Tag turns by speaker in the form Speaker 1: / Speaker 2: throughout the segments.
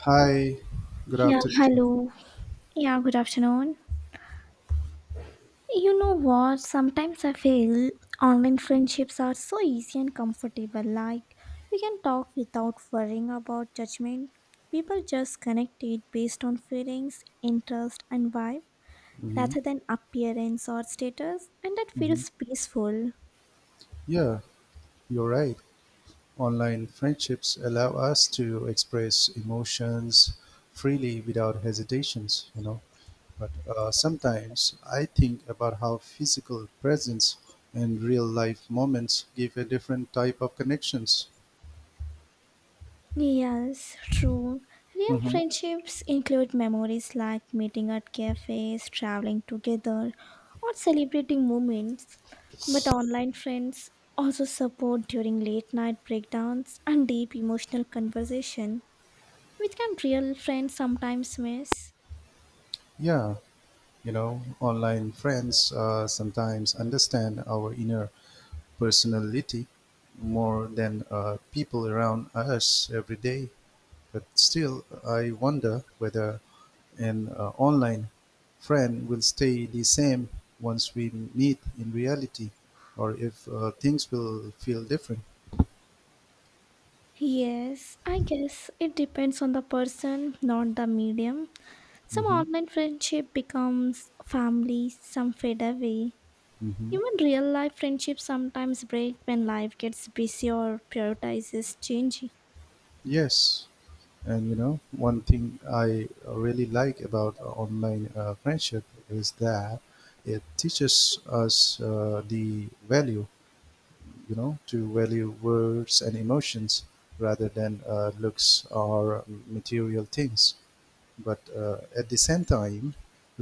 Speaker 1: Hi, good
Speaker 2: Yeah,
Speaker 1: afternoon.
Speaker 2: hello. Yeah, good afternoon. You know what? Sometimes I feel online friendships are so easy and comfortable. Like, you can talk without worrying about judgment. People just connected based on feelings, interest, and vibe
Speaker 1: Hmm.
Speaker 2: rather than appearance or status, and that
Speaker 1: Hmm.
Speaker 2: feels peaceful.
Speaker 1: Yeah, you're right. Online friendships allow us to express emotions freely without hesitations. But sometimes I think about how physical presence and real life moments give a different type of connections.
Speaker 2: Yes, true. Real
Speaker 1: Hmm.
Speaker 2: friendships include memories like meeting at cafes, traveling together, or celebrating moments. But online friends also support during late night breakdowns and deep emotional conversation, which can real friends sometimes miss.
Speaker 1: Yeah, online friends sometimes understand our inner personality more than people around us every day. But still, I wonder whether an online friend will stay the same once we meet in reality, or if things will feel different.
Speaker 2: Yes, I guess it depends on the person, not the medium. Some
Speaker 1: Hmm.
Speaker 2: online friendship becomes family, some fade away.
Speaker 1: Hmm.
Speaker 2: Even real life friendships sometimes break when life gets busy or prioritizes changing.
Speaker 1: Yes, and one thing I really like about online friendship is that it teaches us the value, to value words and emotions rather than looks or material things. But at the same time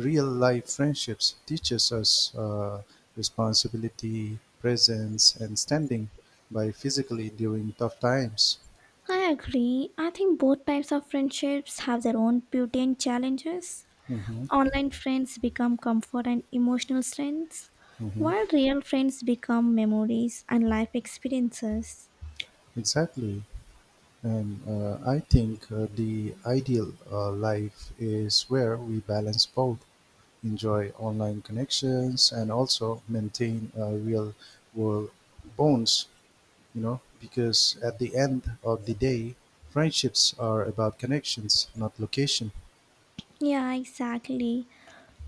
Speaker 1: real life friendships teaches us responsibility presence and standing by physically during tough times.
Speaker 2: I agree. I think both types of friendships have their own beauty and challenges.
Speaker 1: Hmm.
Speaker 2: Online friends become comfort and emotional strengths,
Speaker 1: Hmm.
Speaker 2: while real friends become memories and life experiences.
Speaker 1: Exactly. And I think the ideal life is where we balance both, enjoy online connections and also maintain real world bonds, because at the end of the day, friendships are about connections, not location.
Speaker 2: Yeah, exactly.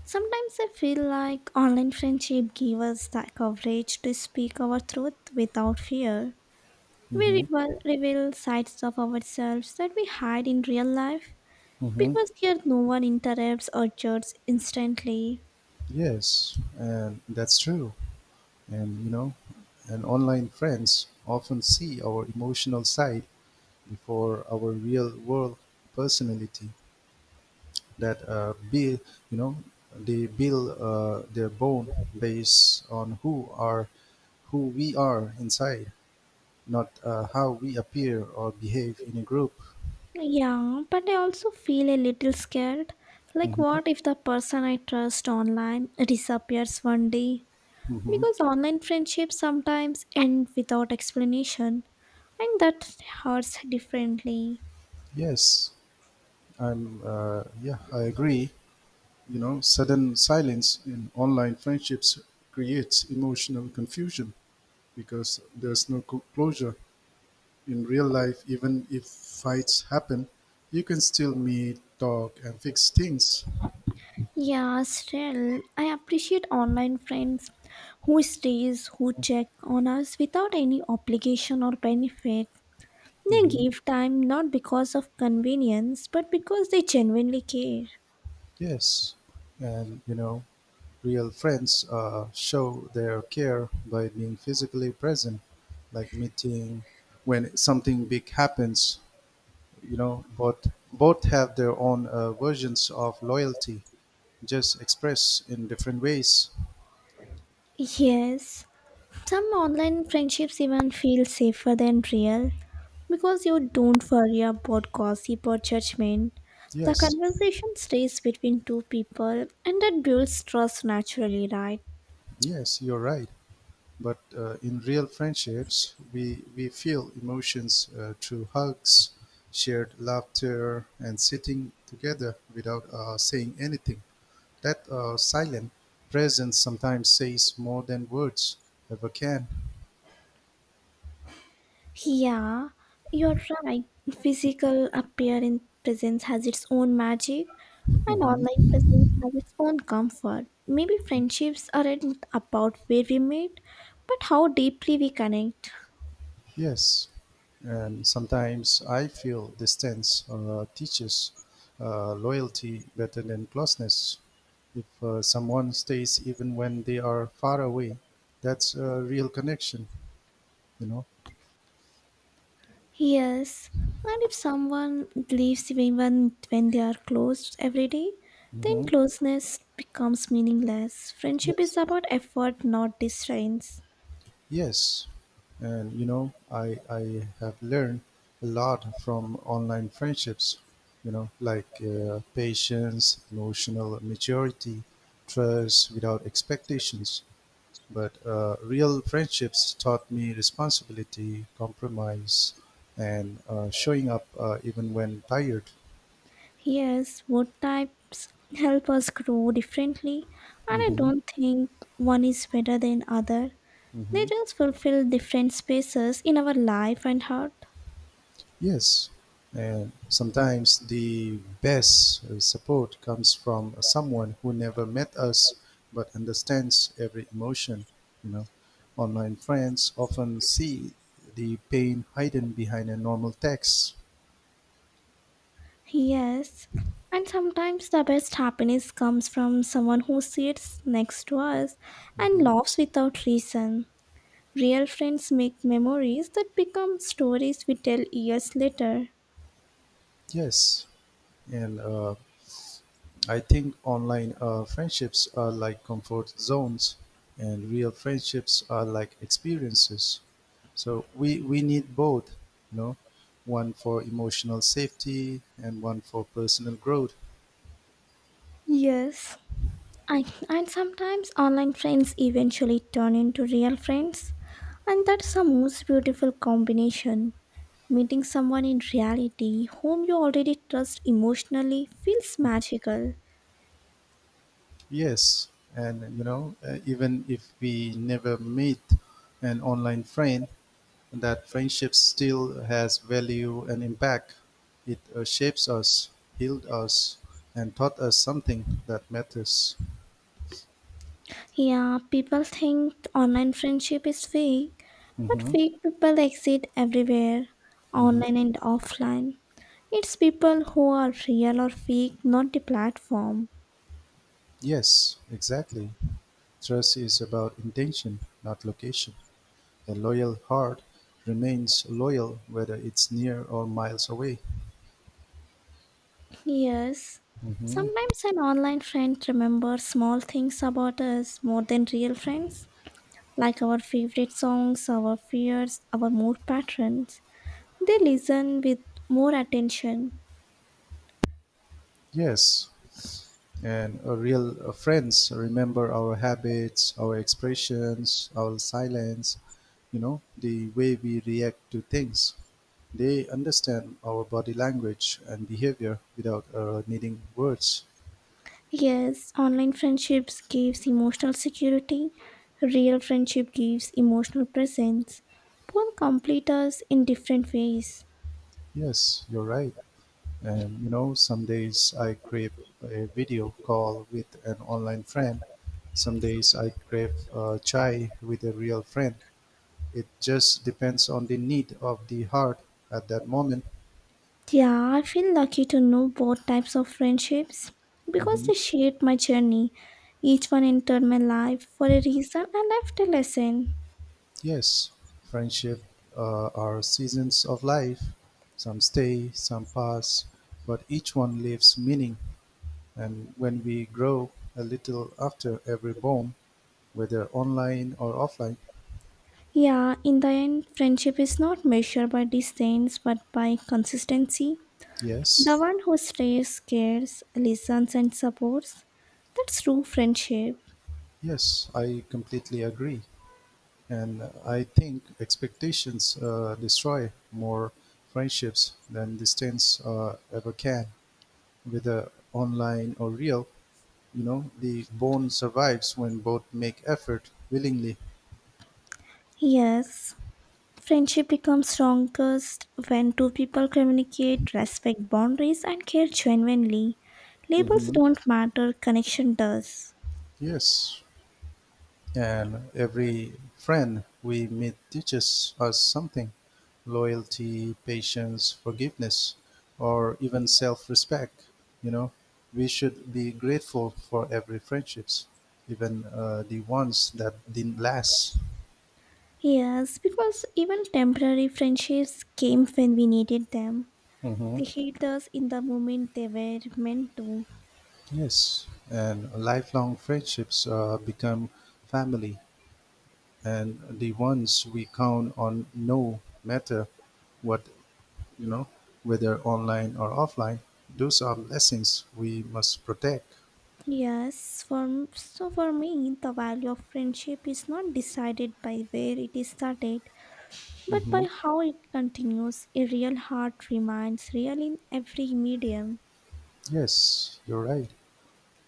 Speaker 2: Sometimes I feel like online friendship give us the coverage to speak our truth without fear. We
Speaker 1: Mm-hmm.
Speaker 2: reveal sides of ourselves that we hide in real life
Speaker 1: Mm-hmm.
Speaker 2: because here no one interrupts or judges instantly.
Speaker 1: Yes, and that's true. And you know, and online friends often see our emotional side before our real world personality. That build, you know, They build their bone based on who we are inside, not how we appear or behave in a group.
Speaker 2: Yeah, but I also feel a little scared. Like, what if the person I trust online disappears one day?
Speaker 1: Hmm.
Speaker 2: Because online friendships sometimes end without explanation, and that hurts differently.
Speaker 1: Yes, I'm. Yeah, I agree. Sudden silence in online friendships creates emotional confusion because there's no closure in real life. Even if fights happen, you can still meet, talk, and fix things.
Speaker 2: Yeah, still, I appreciate online friends who stays, who check on us without any obligation or benefit. They
Speaker 1: Hmm.
Speaker 2: give time not because of convenience, but because they genuinely care.
Speaker 1: Yes, and real friends show their care by being physically present, like meeting when something big happens. Both have their own versions of loyalty, just expressed in different ways.
Speaker 2: Yes, some online friendships even feel safer than real because you don't worry about gossip or judgment. The
Speaker 1: Yes,
Speaker 2: conversation stays between two people and that builds trust naturally, right?
Speaker 1: yes, you're right. But in real friendships we feel emotions through hugs, shared laughter, and sitting together without saying anything. That silent presence sometimes says more than words ever can.
Speaker 2: Yeah, you're right. Physical appearance presence has its own magic, and
Speaker 1: Mhm.
Speaker 2: online presence has its own comfort. Maybe friendships aren't about where we meet, but how deeply we connect.
Speaker 1: Yes, and sometimes I feel distance teaches loyalty better than closeness. If someone stays even when they are far away, that's a real connection, you know.
Speaker 2: Yes, and if someone leaves even when they are closed every day, then
Speaker 1: Hmm.
Speaker 2: closeness becomes meaningless. Friendship is
Speaker 1: Yes.
Speaker 2: about effort, not distance.
Speaker 1: Yes, and I have learned a lot from online friendships, like patience, emotional maturity, trust without expectations. But real friendships taught me responsibility, compromise, and showing up even when tired.
Speaker 2: Yes, wood types help us grow differently, and I
Speaker 1: Hmm.
Speaker 2: don't think one is better than other. They
Speaker 1: Hmm.
Speaker 2: just fulfill different spaces in our life and heart.
Speaker 1: Yes. And sometimes the best support comes from someone who never met us but understands every emotion. You know, Online friends often see the pain hidden behind a normal text.
Speaker 2: Yes, and sometimes the best happiness comes from someone who sits next to us and
Speaker 1: Hmm.
Speaker 2: laughs without reason. Real friends make memories that become stories we tell years later.
Speaker 1: Yes. And I think online friendships are like comfort zones, and real friendships are like experiences. So we need both, you know, one for emotional safety and one for personal growth.
Speaker 2: Yes. I, and sometimes online friends eventually turn into real friends, and that's the most beautiful combination. Meeting someone in reality whom you already trust emotionally feels magical.
Speaker 1: Yes, and even if we never meet an online friend, that friendship still has value and impact. It shapes us, healed us, and taught us something that matters.
Speaker 2: Yeah, people think online friendship is fake, but
Speaker 1: Mhm.
Speaker 2: fake people exist everywhere,
Speaker 1: Mhm.
Speaker 2: online and offline. It's people who are real or fake, not the platform.
Speaker 1: Yes, exactly. Trust is about intention, not location. A loyal heart remains loyal whether it's near or miles away.
Speaker 2: Yes.
Speaker 1: Hmm.
Speaker 2: Sometimes an online friend remembers small things about us more than real friends, like our favorite songs, our fears, our mood patterns. They listen with more attention.
Speaker 1: Yes, and a real friends remember our habits, our expressions, our silence, the way we react to things. They understand our body language and behavior without needing words.
Speaker 2: Yes, online friendships gives emotional security. Real friendship gives emotional presence. Both complete us in different ways.
Speaker 1: Yes, you're right. And some days I crave a video call with an online friend. Some days I crave chai with a real friend. It just depends on the need of the heart at that moment.
Speaker 2: Yeah, I feel lucky to know both types of friendships because
Speaker 1: Hmm.
Speaker 2: they shaped my journey. Each one entered my life for a reason and left a lesson.
Speaker 1: Yes, friendship are seasons of life. Some stay, some pass, but each one leaves meaning. And when we grow a little after every bond, whether online or offline,
Speaker 2: Yeah, in the end, friendship is not measured by distance but by consistency.
Speaker 1: yes.
Speaker 2: The one who stays, cares, listens, and supports. That's true friendship.
Speaker 1: Yes, I completely agree. And I think expectations destroy more friendships than distance ever can, whether online or real. The bond survives when both make effort willingly.
Speaker 2: Yes. Friendship becomes strongest when two people communicate, respect boundaries, and care genuinely. Labels
Speaker 1: Hmm.
Speaker 2: don't matter, connection does.
Speaker 1: Yes, and every friend we meet teaches us something, loyalty, patience, forgiveness, or even self respect. You know, we should be grateful for every friendships, even the ones that didn't last.
Speaker 2: Yes, because even temporary friendships came when we needed them.
Speaker 1: Hmm.
Speaker 2: They hit us in the moment they were meant to.
Speaker 1: Yes, and lifelong friendships become family, and the ones we count on no matter what, you know, whether online or offline, those are lessons we must protect.
Speaker 2: Yes, for me, the value of friendship is not decided by where it is started, but
Speaker 1: Hmm.
Speaker 2: by how it continues. A real heart remains real in every medium.
Speaker 1: Yes, you're right.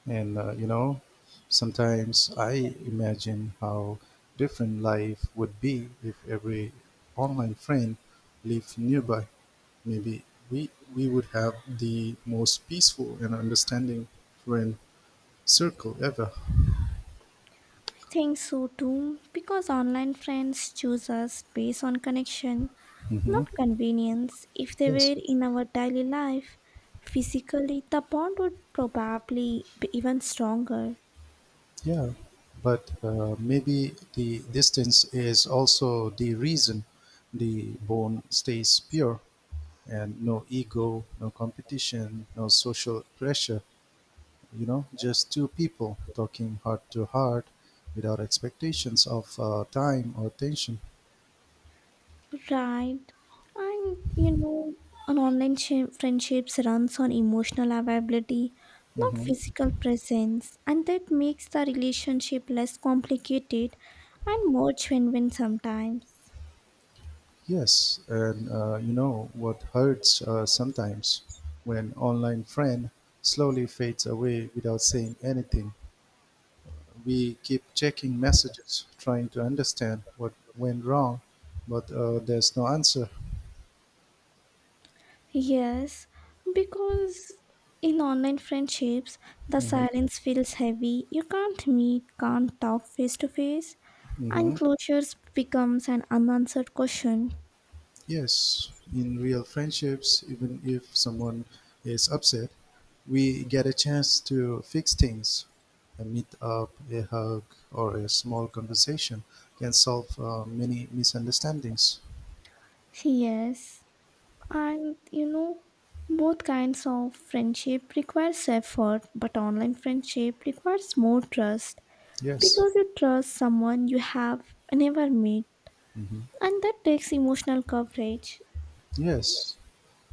Speaker 1: And, sometimes I imagine how different life would be if every online friend lived nearby. Maybe we would have the most peaceful and understanding friend circle ever.
Speaker 2: Think so too, because online friends choose us based on connection,
Speaker 1: Hmm.
Speaker 2: not convenience. If they
Speaker 1: Yes.
Speaker 2: were in our daily life, physically, the bond would probably be even stronger.
Speaker 1: Yeah, but maybe the distance is also the reason the bone stays pure and no ego, no competition, no social pressure, just two people talking heart to heart without expectations of time or tension.
Speaker 2: Right. And you know, an friendships runs on emotional availability, not
Speaker 1: Hmm.
Speaker 2: physical presence, and that makes the relationship less complicated and more genuine sometimes.
Speaker 1: Yes, and you know what hurts sometimes? When online friend slowly fades away without saying anything, we keep checking messages, trying to understand what went wrong, but there's no answer.
Speaker 2: Yes, because in online friendships, the
Speaker 1: Hmm.
Speaker 2: silence feels heavy. You can't meet, can't talk face to face, and
Speaker 1: Hmm.
Speaker 2: closure becomes an unanswered question.
Speaker 1: Yes, in real friendships, even if someone is upset, we get a chance to fix things. A meet up, a hug, or a small conversation can solve many misunderstandings.
Speaker 2: Yes, and you know, both kinds of friendship requires effort, but online friendship requires more trust
Speaker 1: Yes.
Speaker 2: because you trust someone you have never met,
Speaker 1: Hmm.
Speaker 2: and that takes emotional coverage.
Speaker 1: Yes.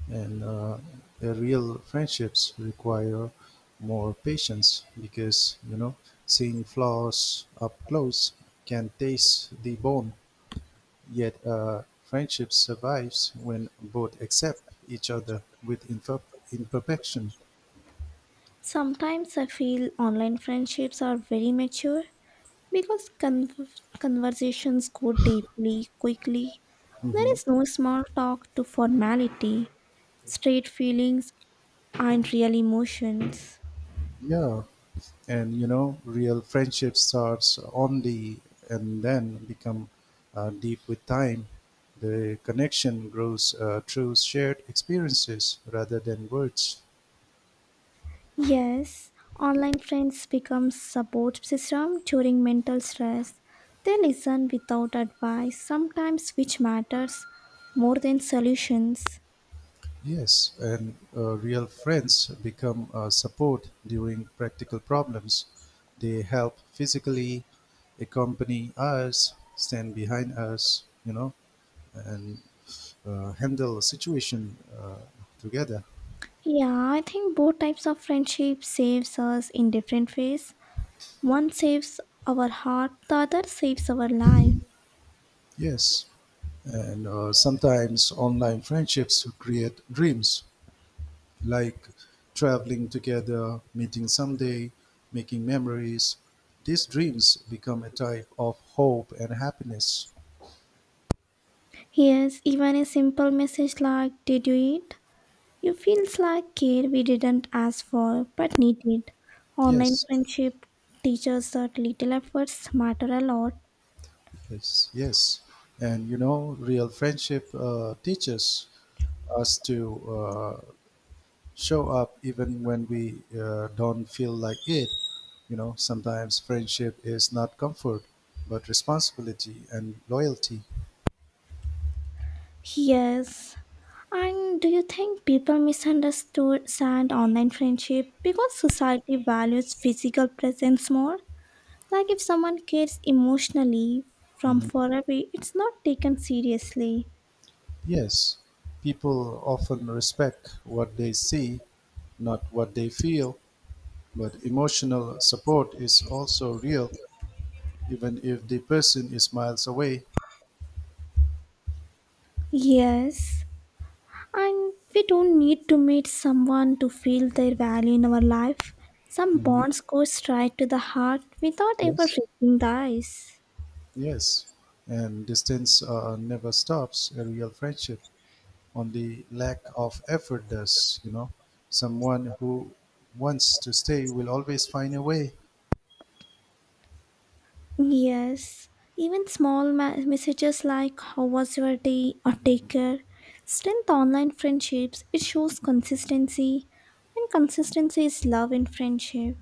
Speaker 1: And the real friendships require more patience because, seeing flaws up close can taste the bone. Yet a friendship survives when both accept each other with imperfection.
Speaker 2: Sometimes I feel online friendships are very mature because conversations go deeply, quickly. There
Speaker 1: Hmm.
Speaker 2: is no small talk to formality, straight feelings, and real emotions.
Speaker 1: Yeah, and real friendship starts only and then become deep with time. The connection grows through shared experiences rather than words.
Speaker 2: Yes, online friends become support system during mental stress. They listen without advice, sometimes which matters more than solutions.
Speaker 1: Yes, and real friends become support during practical problems. They help physically, accompany us, stand behind us, and handle a situation together.
Speaker 2: Yeah, I think both types of friendship saves us in different ways. One saves our heart, the other saves our life.
Speaker 1: Yes, and sometimes online friendships create dreams like traveling together, meeting someday, making memories. These dreams become a type of hope and happiness.
Speaker 2: Yes, even a simple message like "Did you eat?" You feels like care we didn't ask for but needed. Online
Speaker 1: Yes.
Speaker 2: friendship teaches that little efforts matter a lot.
Speaker 1: Yes, yes. And real friendship teaches us to show up even when we don't feel like it. Sometimes friendship is not comfort, but responsibility and loyalty.
Speaker 2: Yes. And do you think people misunderstand online friendship because society values physical presence more? Like if someone cares emotionally from
Speaker 1: Mhm.
Speaker 2: far away, it's not taken seriously.
Speaker 1: Yes, people often respect what they see, not what they feel, but emotional support is also real, even if the person is miles away.
Speaker 2: Yes, and we don't need to meet someone to feel their value in our life. Some
Speaker 1: Mhm.
Speaker 2: bonds go straight to the heart without ever
Speaker 1: Yes.
Speaker 2: reaching the eyes.
Speaker 1: Yes, and distance never stops a real friendship. Only lack of effort does. Someone who wants to stay will always find a way.
Speaker 2: Yes, even small messages like "How was your day?" or "Take care." Strength online friendships. It shows consistency, and consistency is love in friendship.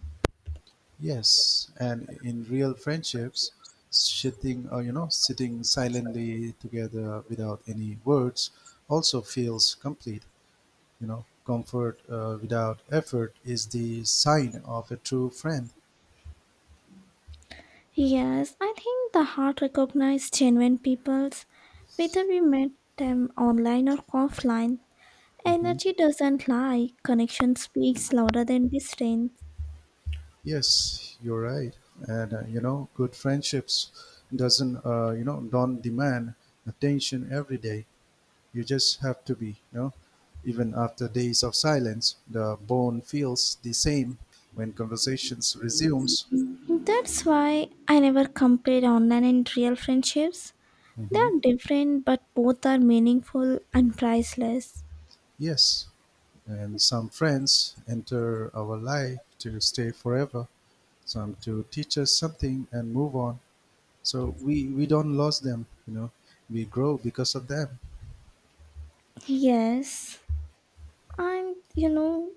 Speaker 1: Yes, and in real friendships, sitting silently together without any words also feels complete. Comfort without effort is the sign of a true friend.
Speaker 2: Yes, I think the heart recognizes genuine peoples, whether we met them online or offline.
Speaker 1: Mhm.
Speaker 2: Energy doesn't lie, connection speaks louder than distance.
Speaker 1: Yes, you're right. And good friendships doesn't you know don't demand attention every day. You just have to be, even after days of silence, the bone feels the same when conversations resumes.
Speaker 2: That's why I never compare online and real friendships. They
Speaker 1: Hmm.
Speaker 2: are different, but both are meaningful and priceless.
Speaker 1: Yes, and some friends enter our life to stay forever, some to teach us something and move on. So we don't lose them. We grow because of them.
Speaker 2: Yes, and you know,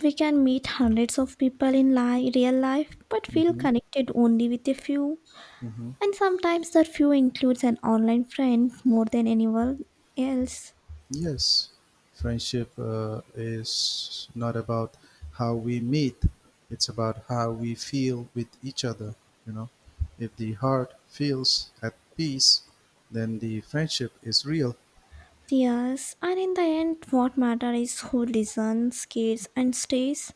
Speaker 2: we can meet hundreds of people in real life, but feel
Speaker 1: Hmm.
Speaker 2: connected only with a few.
Speaker 1: Hmm.
Speaker 2: And sometimes that few includes an online friend more than anyone else.
Speaker 1: Yes, friendship is not about how we meet, it's about how we feel with each other. You know, if the heart feels at peace, then the friendship is real.
Speaker 2: Yes, and in the end, what matters is who listens, cares, and stays.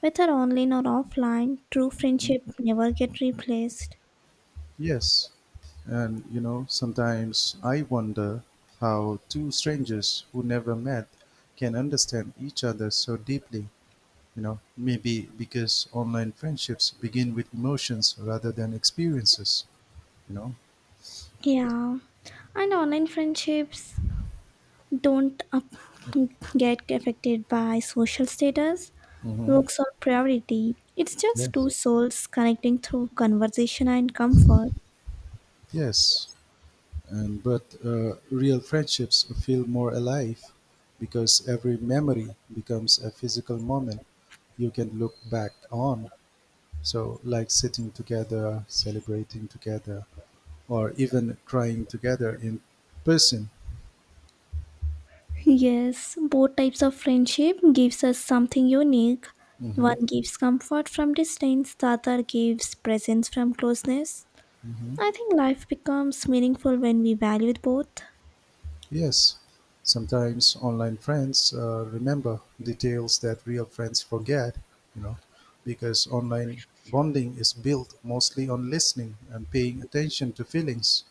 Speaker 2: Whether online or offline, true friendship never get replaced.
Speaker 1: Yes, and sometimes I wonder how two strangers who never met can understand each other so deeply. Maybe because online friendships begin with emotions rather than experiences, you know.
Speaker 2: Yeah, and online friendships don't get affected by social status,
Speaker 1: Hmm.
Speaker 2: looks, or priority. It's just
Speaker 1: Yes.
Speaker 2: two souls connecting through conversation and comfort.
Speaker 1: Yes, and but real friendships feel more alive because every memory becomes a physical moment you can look back on. So, like sitting together, celebrating together, or even crying together in person.
Speaker 2: Yes, both types of friendship gives us something unique.
Speaker 1: Hmm.
Speaker 2: One gives comfort from distance, the other gives presence from closeness.
Speaker 1: Hmm.
Speaker 2: I think life becomes meaningful when we value both.
Speaker 1: Yes, sometimes online friends remember details that real friends forget, you know, because online bonding is built mostly on listening and paying attention to feelings.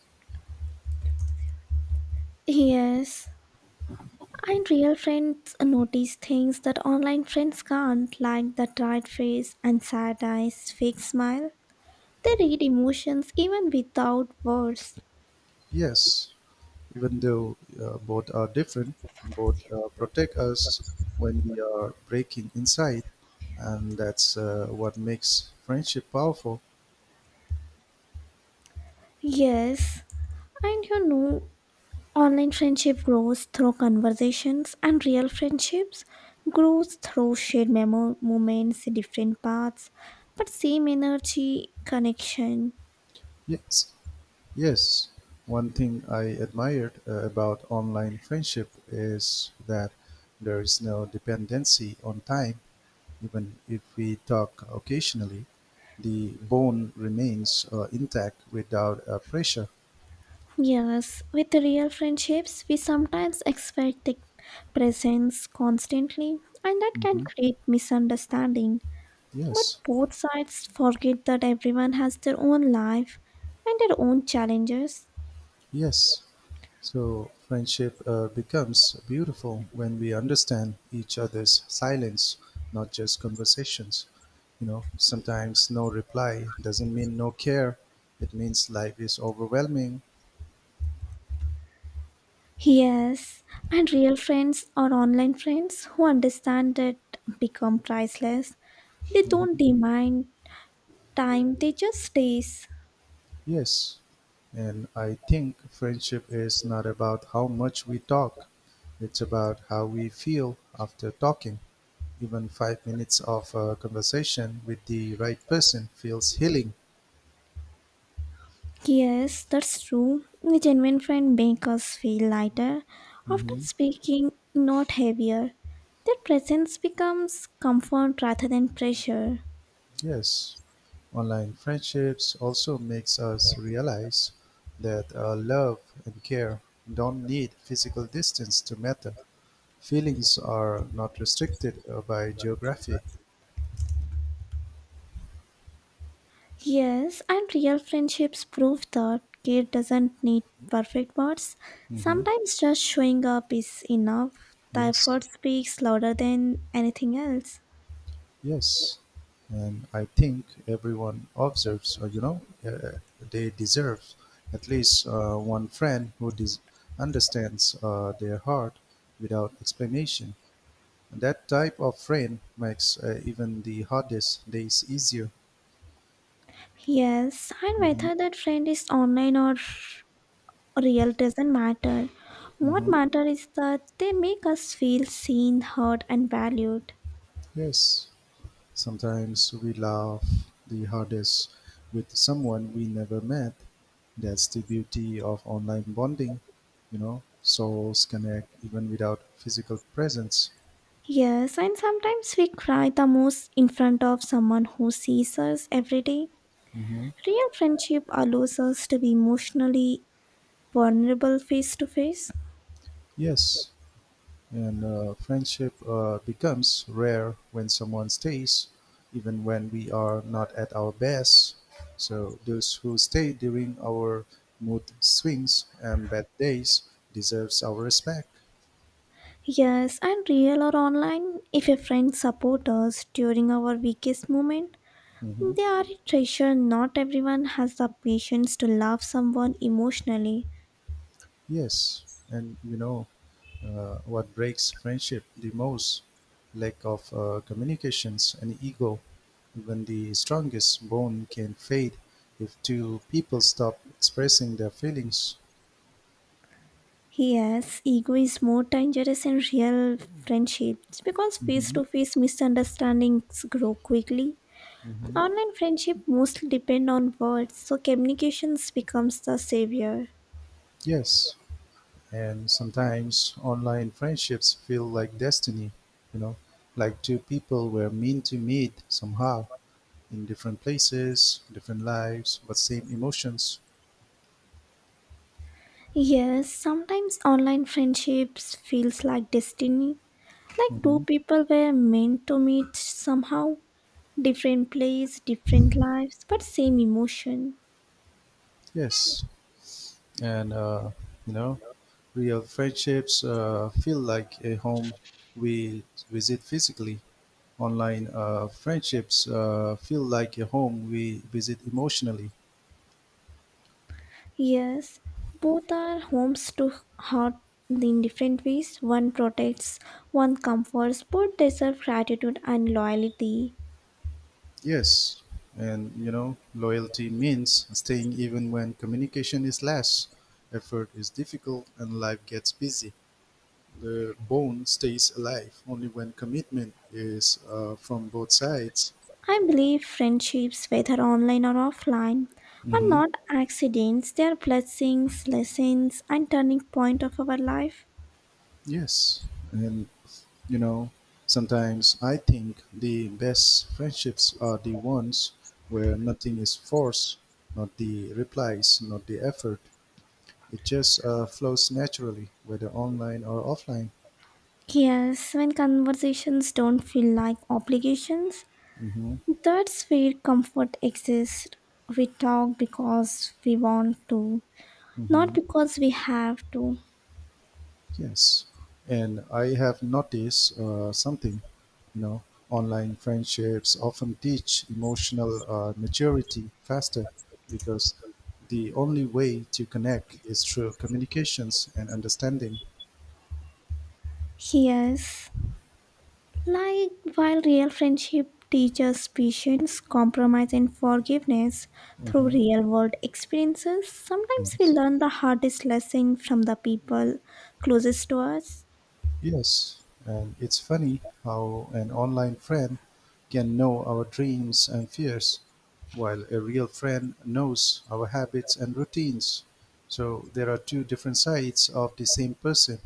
Speaker 2: Yes, and real friends notice things that online friends can't, like the tired face and sad eyes, fake smile. They read emotions even without words.
Speaker 1: Yes, even though both are different, both protect us when we are breaking inside, and that's what makes friendship powerful.
Speaker 2: Yes, and you know, online friendship grows through conversations, and real friendships grows through shared moments, different paths, but same energy, connection.
Speaker 1: Yes, yes, one thing I admired about online friendship is that there is no dependency on time. Even if we talk occasionally, the bond remains intact without pressure.
Speaker 2: Yes, with the real friendships, we sometimes expect the presence constantly, and that can
Speaker 1: Mhm.
Speaker 2: create misunderstanding. But
Speaker 1: Yes.
Speaker 2: both sides forget that everyone has their own life and their own challenges.
Speaker 1: Yes. So friendship becomes beautiful when we understand each other's silence, not just conversations. Sometimes no reply doesn't mean no care, it means life is overwhelming.
Speaker 2: Yes, and real friends or online friends who understand it become priceless. They don't
Speaker 1: Mhm.
Speaker 2: demand time, they just stays.
Speaker 1: Yes. And I think friendship is not about how much we talk, it's about how we feel after talking. Even 5 minutes of conversation with the right person feels healing.
Speaker 2: Yes, that's true. A genuine friend makes us feel lighter after
Speaker 1: Mhm.
Speaker 2: speaking, not heavier. Their presence becomes comfort rather than pressure.
Speaker 1: Yes. Online friendships also makes us realize that love and care don't need physical distance to matter. Feelings are not restricted by geography.
Speaker 2: Yes, and real friendships prove that care doesn't need perfect words.
Speaker 1: Hmm.
Speaker 2: Sometimes just showing up is enough. The
Speaker 1: Yes,
Speaker 2: effort speaks louder than anything else.
Speaker 1: yes. And I think everyone observes, or they deserve at least one friend who understands their heart without explanation. And that type of friend makes even the hardest days easier.
Speaker 2: Yes, and
Speaker 1: Hmm.
Speaker 2: whether that friend is online or real doesn't matter. What
Speaker 1: Hmm.
Speaker 2: matters is that they make us feel seen, heard, and valued.
Speaker 1: Yes, sometimes we laugh the hardest with someone we never met. That's the beauty of online bonding, souls connect even without physical presence.
Speaker 2: Yes, and sometimes we cry the most in front of someone who sees us every day.
Speaker 1: Hmm.
Speaker 2: Real friendship allows us to be emotionally vulnerable face to face.
Speaker 1: Yes, and friendship becomes rare when someone stays, even when we are not at our best. So, those who stay during our mood swings and bad days deserves our respect.
Speaker 2: Yes, and real or online, if a friend supports us during our weakest moment,
Speaker 1: Hmm.
Speaker 2: they are a treasure. Not everyone has the patience to love someone emotionally.
Speaker 1: Yes, and what breaks friendship the most? Lack of communications and ego. Even the strongest bond can fade if two people stop expressing their feelings.
Speaker 2: Yes, ego is more dangerous in real friendships because face
Speaker 1: Hmm.
Speaker 2: to face misunderstandings grow quickly.
Speaker 1: Hmm.
Speaker 2: Online friendship mostly depend on words, so communications becomes the savior.
Speaker 1: Yes, and sometimes online friendships feel like destiny, you know, like two people were meant to meet somehow in different places, different lives, but same emotions.
Speaker 2: Yes, sometimes online friendships feels like destiny. Like two
Speaker 1: Hmm.
Speaker 2: people were meant to meet somehow. Different place, different lives, but same emotion.
Speaker 1: Yes, and you know real friendships feel like a home we visit physically. Online friendships feel like a home we visit emotionally.
Speaker 2: Yes, both are homes to heart in different ways. One protects, one comforts, both deserve gratitude and loyalty.
Speaker 1: Yes, and loyalty means staying even when communication is less, effort is difficult, and life gets busy. The bond stays alive only when commitment is from both sides.
Speaker 2: I believe friendships, whether online or offline, are
Speaker 1: Hmm.
Speaker 2: not accidents, they are blessings, lessons, and turning point of our life.
Speaker 1: Yes, and You know, sometimes I think the best friendships are the ones where nothing is forced, not the replies, not the effort. It just flows naturally, whether online or offline.
Speaker 2: Yes, when conversations don't feel like obligations,
Speaker 1: Hmm.
Speaker 2: that's where comfort exists. We talk because we want to, not
Speaker 1: Hmm.
Speaker 2: because we have to.
Speaker 1: Yes. And I have noticed something, you know, online friendships often teach emotional maturity faster because the only way to connect is through communications and understanding.
Speaker 2: Yes, like while real friendship teaches patience, compromise, and forgiveness through
Speaker 1: Mhm.
Speaker 2: real world experiences, sometimes we
Speaker 1: Yes.
Speaker 2: learn the hardest lesson from the people closest to us.
Speaker 1: Yes. And it's funny how an online friend can know our dreams and fears, while a real friend knows our habits and routines. So there are two different sides of the same person,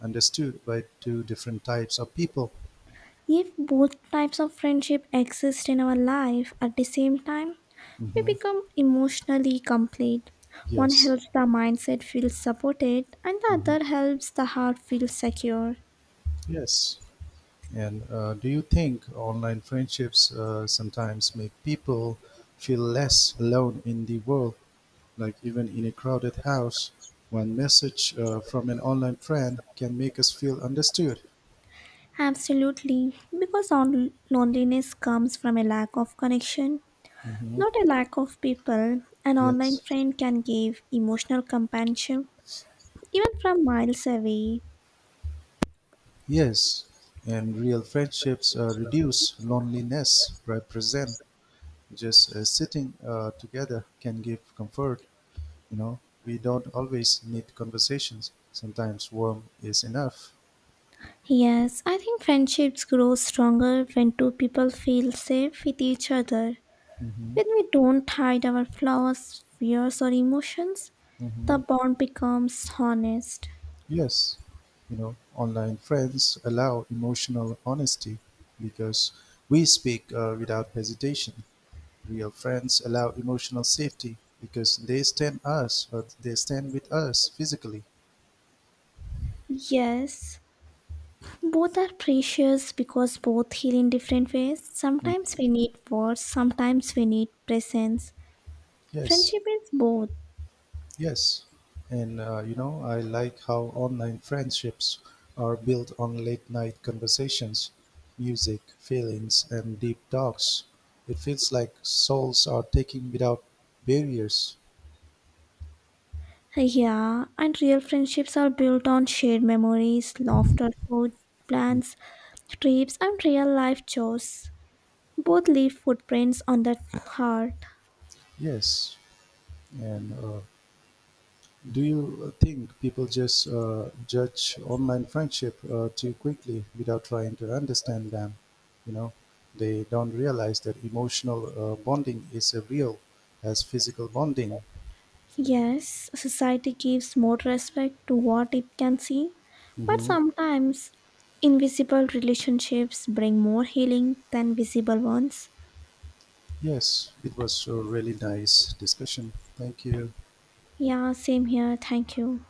Speaker 1: understood by two different types of people.
Speaker 2: If both types of friendship exist in our life at the same time, we
Speaker 1: Hmm.
Speaker 2: become emotionally complete. One
Speaker 1: Yes.
Speaker 2: helps the mindset feel supported, and the other
Speaker 1: Hmm.
Speaker 2: helps the heart feel secure.
Speaker 1: Yes. And do you think online friendships sometimes make people feel less alone in the world? Like even in a crowded house, one message from an online friend can make us feel understood.
Speaker 2: Absolutely, because loneliness comes from a lack of connection,
Speaker 1: Mhm.
Speaker 2: not a lack of people. An online
Speaker 1: Yes,
Speaker 2: friend can give emotional companionship even from miles away.
Speaker 1: yes, and real friendships reduce loneliness. Represent just sitting together can give comfort. You know, we don't always need conversations. Sometimes warm is enough.
Speaker 2: Yes, I think friendships grow stronger when two people feel safe with each other.
Speaker 1: Hmm.
Speaker 2: When we don't hide our flaws, fears, or emotions, the
Speaker 1: Hmm.
Speaker 2: bond becomes honest.
Speaker 1: Yes, online friends allow emotional honesty because we speak without hesitation. Real friends allow emotional safety because they stand us, or they stand with us physically.
Speaker 2: Yes, both are precious because both heal in different ways.
Speaker 1: Mm.
Speaker 2: Sometimes we need words, sometimes we need presence.
Speaker 1: Yes,
Speaker 2: Friendship is both.
Speaker 1: yes. And, I like how online friendships are built on late night conversations, music, feelings, and deep talks. It feels like souls are taking without barriers.
Speaker 2: Yeah, and real friendships are built on shared memories, laughter, food, plans, trips, and real life chores. Both leave footprints on the heart.
Speaker 1: Yes. And do you think people just judge online friendship too quickly without trying to understand them? You know, they don't realize that emotional bonding is as real as physical bonding.
Speaker 2: Yes, society gives more respect to what it can see, but
Speaker 1: Hmm.
Speaker 2: sometimes invisible relationships bring more healing than visible ones.
Speaker 1: Yes, it was a really nice discussion. Thank you.
Speaker 2: Yeah, same here. Thank you.